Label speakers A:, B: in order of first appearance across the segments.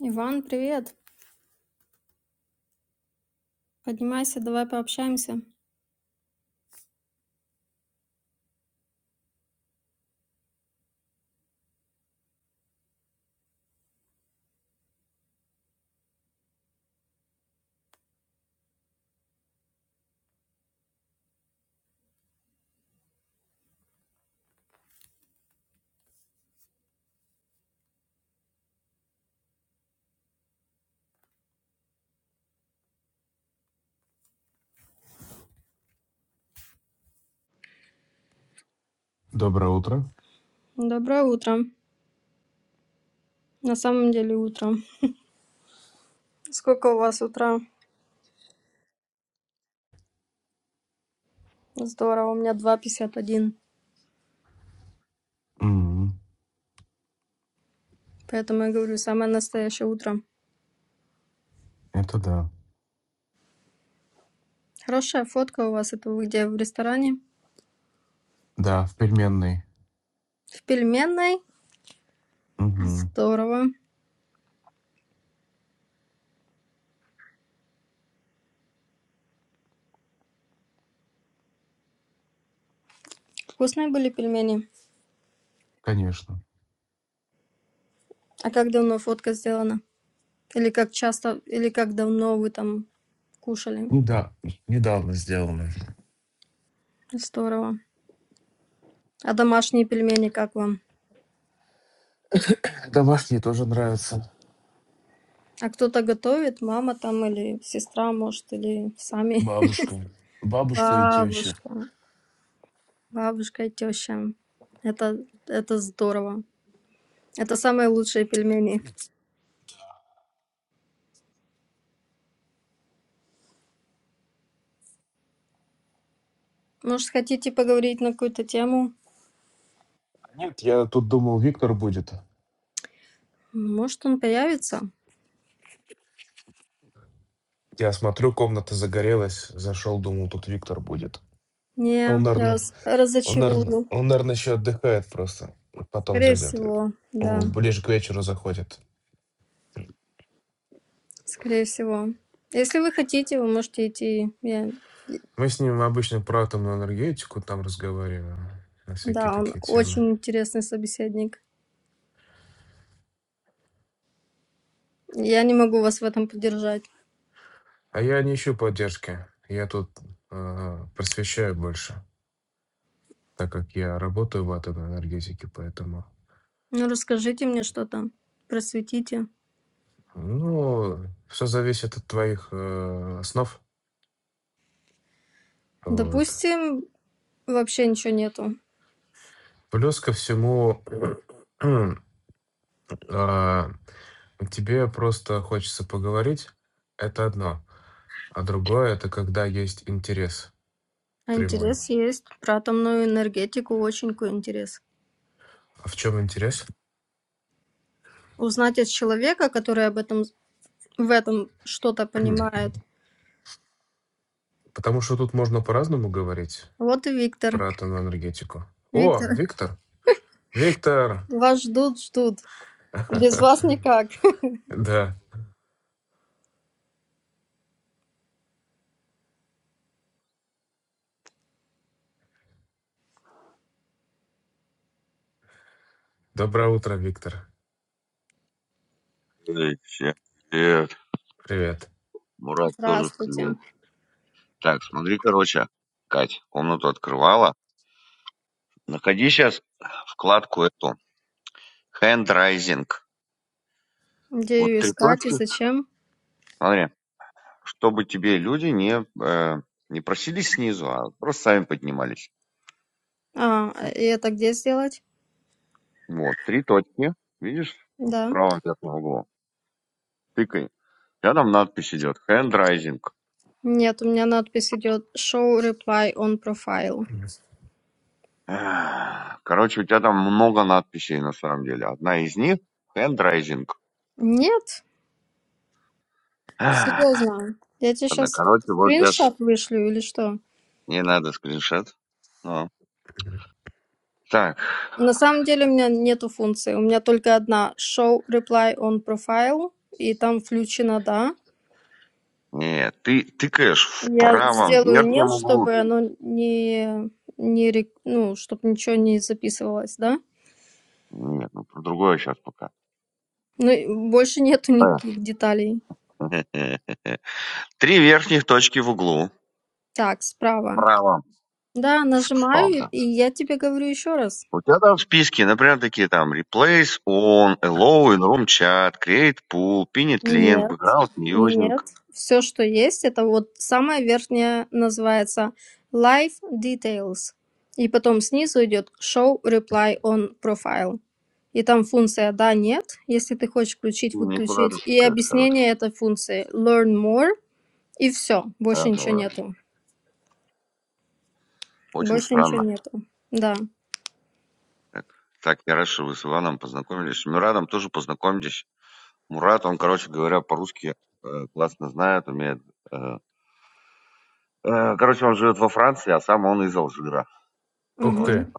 A: Иван, привет. Поднимайся, давай пообщаемся.
B: Доброе утро.
A: Доброе утро. На самом деле утро. Сколько у вас утра? Здорово, у меня два пятьдесят один.
B: М,
A: Поэтому я говорю, самое настоящее утро.
B: это да.
A: Хорошая фотка у вас. Это вы где, в ресторане?
B: Да, в пельменной.
A: В пельменной?
B: Мгм.
A: Здорово. Вкусные были пельмени?
B: Конечно.
A: А как давно фотка сделана? Или как часто, или как давно вы там кушали?
B: Ну да, недавно сделано.
A: Здорово. А домашние пельмени как вам?
B: Домашние тоже нравятся.
A: А кто-то готовит, мама там или сестра, может, или сами.
B: Бабушка. Бабушка и теща.
A: Бабушка. Бабушка и теща. Это, это здорово. Это самые лучшие пельмени. Может, хотите поговорить на какую-то тему?
B: Нет, я тут думал, Виктор будет.
A: Может, он появится?
B: Я смотрю, комната загорелась. Зашел, думал, тут Виктор будет. Он,
A: Не, я
B: наверное,
A: вас
B: он, наверное,
A: разочарую.
B: он, наверное, еще отдыхает просто. Вот Потом
A: Скорее
B: зайдет.
A: всего, да.
B: Он ближе к вечеру заходит.
A: Скорее всего. Если вы хотите, вы можете идти. Я-
B: Мы с ним обычно про атомную энергетику там разговариваем. На всякие
A: Да, он
B: такие темы.
A: очень интересный собеседник. Я не могу вас в этом поддержать.
B: А я не ищу поддержки. Я тут а, просвещаю больше, так как я работаю в атомной энергетике, поэтому...
A: Ну, расскажите мне, что то Просветите.
B: Ну, все зависит от твоих э, основ. Вот.
A: Допустим, вообще ничего нету.
B: Плюс ко всему, а, тебе просто хочется поговорить, это одно. А другое, это когда есть интерес
A: А
B: прямой.
A: интерес есть. Про атомную энергетику очень ку- интерес.
B: А в чем интерес?
A: Узнать от человека, который об этом, в этом что-то понимает.
B: Потому что тут можно по-разному говорить
A: Вот и Виктор.
B: про атомную энергетику. О,
A: Виктор,
B: Виктор! Виктор!
A: вас ждут, ждут. Без вас никак.
B: Да. Доброе утро, Виктор.
C: Эй, всем привет.
B: Привет.
C: Мурат тоже привет.
A: Здравствуйте.
C: Так, смотри, короче, Кать, комнату открывала. Находи сейчас вкладку эту. Handrising.
A: Где
C: Вот
A: ее
C: три
A: искать и
C: точки.
A: зачем?
C: Смотри, чтобы тебе люди не, э, не просились снизу, а просто сами поднимались.
A: А, и это где сделать?
C: Вот, три точки. Видишь, в
A: Да.
C: правом верхнем углу. Тыкай. У тебя там надпись идет. Handrising.
A: Нет, у меня надпись идет Show reply on profile.
B: Мгм.
C: Эх, Короче, у тебя там много надписей на самом деле. Одна из них handrising.
A: Нет. Серьезно. Я тебе
C: Ладно,
A: сейчас
C: короче, вот сейчас
A: скриншот вышлю или что?
C: не надо скриншот. Ну, так,
A: На самом деле у меня нету функции. У меня только одна show reply on profile, и там включено да.
C: нет, ты тыкаешь в
A: Я
C: правом
A: сделаю
C: верхнем
A: нет,
C: углу.
A: чтобы оно не, не рек- ну, чтобы ничего не записывалось, да?
C: Нет, ну про другое сейчас пока.
A: Ну, и больше нету никаких деталей.
C: Три верхних точки в углу.
A: Так, справа.
C: Правом.
A: Да,
C: С
A: нажимаю,
C: потом,
A: и
C: да.
A: и я тебе говорю еще раз.
C: У тебя там в списке, например, такие там replace on, allow in room chat, create pool, pin it link,
A: Нет,
C: background music.
A: нет. Все, что есть, это вот самая верхняя называется Life Details. И потом снизу идет Show Reply on Profile. И там функция «да», «нет», если ты хочешь
C: Ты
A: включить,
C: никуда не
A: выключить. И
C: тыкаешь, короче.
A: объяснение этой функции «learn more». И все, больше
C: Ладно,
A: ничего
C: ладно.
A: нету.
C: Очень
A: Больше ничего
C: странно.
A: нету. Да.
C: Так, так, я рад, что вы с Иваном познакомились. С Мюрадом тоже познакомились. Мурат, он, короче говоря, по-русски э, классно знает, умеет. э, э, короче, он живет во Франции, а сам он из Алжира.
B: Ух
C: Вот.
A: Мгм.
B: ты,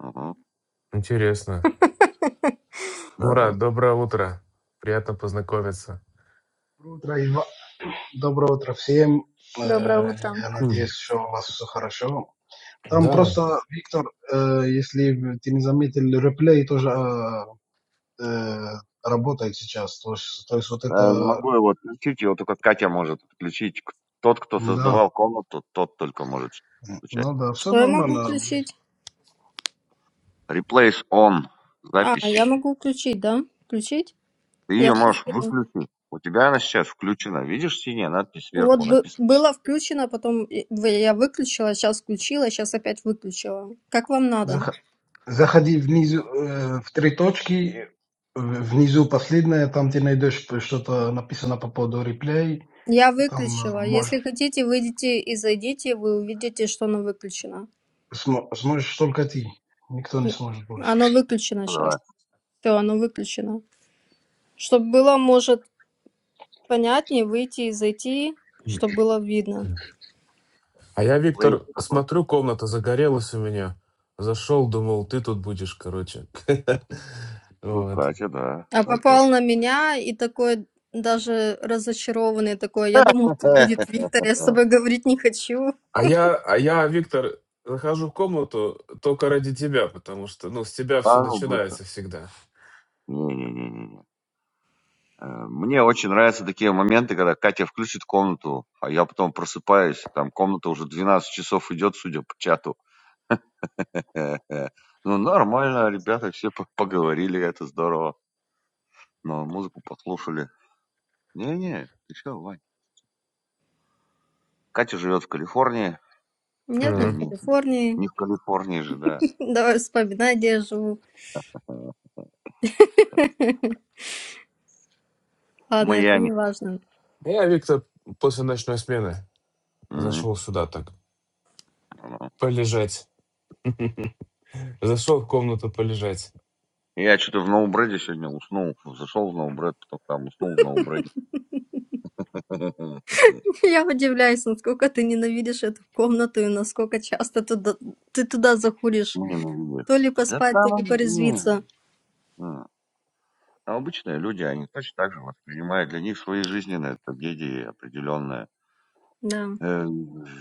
C: Мгм.
B: интересно.
C: Да, да.
B: Мурат, доброе утро. Приятно познакомиться.
D: Доброе утро, Ива- Доброе утро всем.
A: Доброе
D: Э,
A: утро.
D: Я надеюсь,
B: М,
D: что у вас все хорошо. Там
B: Да.
D: просто, Виктор, э, если ты не заметил, реплей тоже э, э, работает сейчас. То есть, то есть вот
C: Да, я не
D: это,
C: могу его отключить, его только Катя может отключить. Тот, кто
D: да,
C: создавал комнату, тот только может включать.
D: ну да, все
A: Что я могу
D: нормально.
A: включить?
C: Replace on.
A: А,
C: Запись.
A: я могу включить, да? Включить?
C: Ты
A: Я
C: ее можешь
A: включила.
C: выключить. У тебя она сейчас включена. Видишь, синяя надпись
A: Вот
C: сверху
A: бы,
C: написано.
A: было включено, потом и- в- я выключила, сейчас включила, сейчас опять выключила. Как вам надо?
D: Заходи внизу, э, в три точки, внизу последнее, там ты найдешь что-то написано по поводу реплей.
A: Я
D: Там
A: выключила.
D: можешь,
A: Если хотите, выйдите и зайдите, вы увидите, что оно выключено.
D: сможешь только ты, никто не
A: Н-
D: сможет больше.
A: Оно выключено сейчас.
C: Да,
A: Все, оно выключено. Чтобы было, может, понятнее, выйти и зайти,
B: М.
A: чтобы было видно.
B: А я,
C: Replace
B: Виктор,
C: работает.
B: смотрю, комната загорелась у меня. Зашел, думал, ты тут будешь, короче.
C: Ну,
B: Вот.
C: Катя, да.
A: А
C: Катя.
A: попал на меня и такой даже разочарованный такой. Я думал, тут будет Виктор, я с
C: Да,
A: тобой говорить не хочу.
B: А я, а я, Виктор, захожу в комнату только ради тебя, потому что, ну, с тебя все
C: Да, ну быстро.
B: начинается всегда.
C: Не-не-не-не. Э, Мне очень нравятся такие моменты, когда Катя включит комнату, а я потом просыпаюсь, там комната уже 12 часов идет, судя по чату. Ну, нормально, ребята, все поговорили, это здорово. Но музыку послушали. Не-не, ты что, Вань? Катя живет в Калифорнии.
A: Нет, не в
C: Блин,
B: Мгм.
C: не,
A: Калифорнии.
C: не в Калифорнии же, да.
A: Давай вспоминай, где я живу.
C: В
A: Ладно, это
C: Майами.
A: не важно.
B: Я, Виктор, после ночной смены зашел сюда так.
C: ну.
B: полежать. Зашел в комнату полежать.
C: Я что-то в Ноубреде сегодня уснул. Зашел в Ноубред, потом там уснул в Ноубреде.
A: Я удивляюсь, насколько ты ненавидишь эту комнату и насколько часто туда, ты туда заходишь.
C: Ненавижу.
A: То ли
C: Да
A: поспать, то
C: там...
A: ли порезвиться.
C: А обычные люди, они точно так же воспринимают, для них свои жизненные трагедии определенные.
A: Да,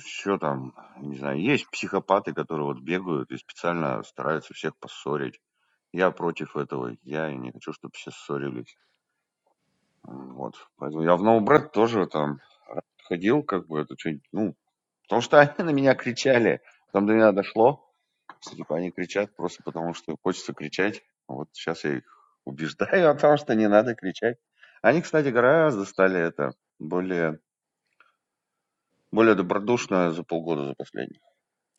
C: Все там, не знаю, есть психопаты, которые вот бегают и специально стараются всех поссорить. Я против этого, я и не хочу, чтобы все ссорились. М, Вот, поэтому я в Ноубред тоже там ходил, как бы это что ну, потому что они на меня кричали, там до меня дошло, Типа они кричат просто потому, что хочется кричать. Вот сейчас я их убеждаю о том, что не надо кричать. Они, кстати, гораздо стали это более, более добродушно за полгода за последних.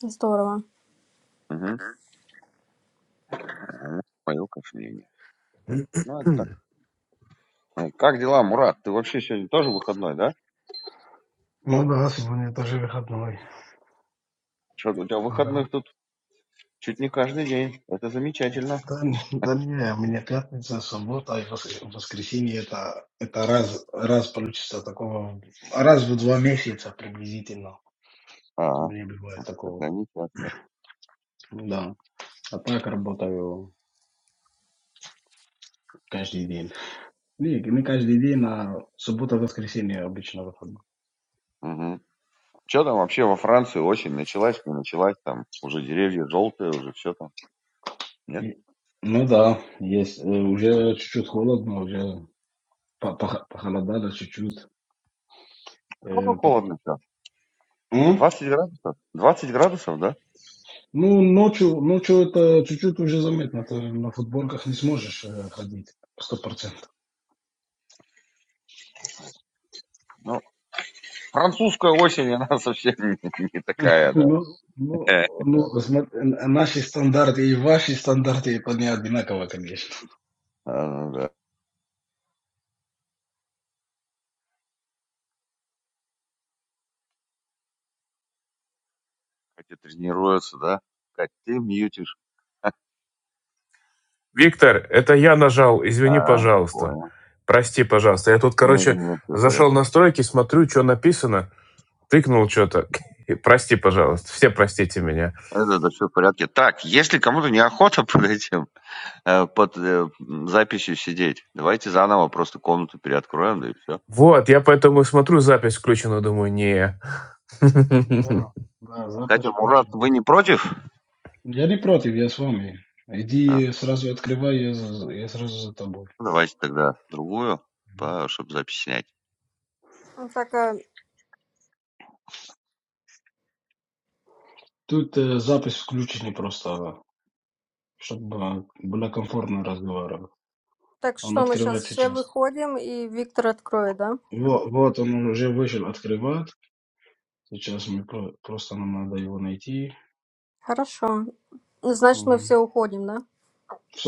A: здорово.
C: Угу. Мое, конечно, мнение. Ну, это так. Ну, Как дела, Мурат? Ты вообще сегодня тоже выходной, да?
D: Ну да, сегодня тоже выходной.
C: Что, у тебя
D: Да.
C: выходных тут чуть не каждый день. Это замечательно.
D: Да, н- да не, мне пятница, суббота и вос- воскресенье это, это раз, раз получится такого, раз в два месяца приблизительно. У
C: А,
D: меня бывает
C: ну, тогда
D: такого.
C: не часто.
D: Да. А так работаю каждый день. Не, не каждый день, а суббота, воскресенье обычно выходной.
C: Угу. Что там вообще во Франции осень? Началась, не началась? Там уже деревья желтые, уже все там. Нет?
D: И- Ну да, есть. э, Уже чуть-чуть холодно, уже по- пох- похолодало чуть-чуть.
C: Сколько
D: Э, по-
C: холодно сейчас?
D: М?
C: 20 градусов? 20 градусов, да?
D: Ну, ночью, ночью это чуть-чуть уже заметно. Ты на футболках не сможешь э, ходить, сто процентов.
C: Ну, французская осень, она совсем не, не такая, да.
D: Ну, ну,
C: Э,
D: ну, смо- э, наши стандарты и ваши стандарты это не одинаково, конечно.
C: да. Хотя тренируются, да? Кать, ты мьютишь.
B: Виктор, это я нажал, извини,
C: А,
B: пожалуйста.
C: понял.
B: Прости, пожалуйста. Я тут,
C: Нет,
B: короче,
C: нет, все в
B: зашел
C: порядке.
B: в настройки, смотрю, что написано, тыкнул что-то. И Прости, пожалуйста. Все простите меня.
C: Это, да, все в порядке. Так, если кому-то неохота под этим, э, под э, записью сидеть, давайте заново просто комнату переоткроем, да и все.
B: Вот, я поэтому и смотрю запись включенную, думаю, не.
D: Да, да, запись
C: Катя, Мурат, вы
D: включена.
C: не против?
D: Я не против, я с вами.
C: А,
D: Иди сразу открывай, я, за- я сразу за тобой.
C: ну, давайте тогда другую,
D: Мгм.
C: чтобы запись снять.
A: Ну, Так, а,
D: Тут э, запись включена просто, чтобы было комфортно разговаривать.
A: так
D: Он
A: что мы сейчас
D: открывает
A: все
D: сейчас.
A: выходим, и Виктор откроет, да?
D: Вот, вот он уже вышел открывать. Сейчас мне про- просто нам надо его найти.
A: Хорошо. Ну, Значит, мы все
D: Мгм.
A: уходим, да?
D: Всё,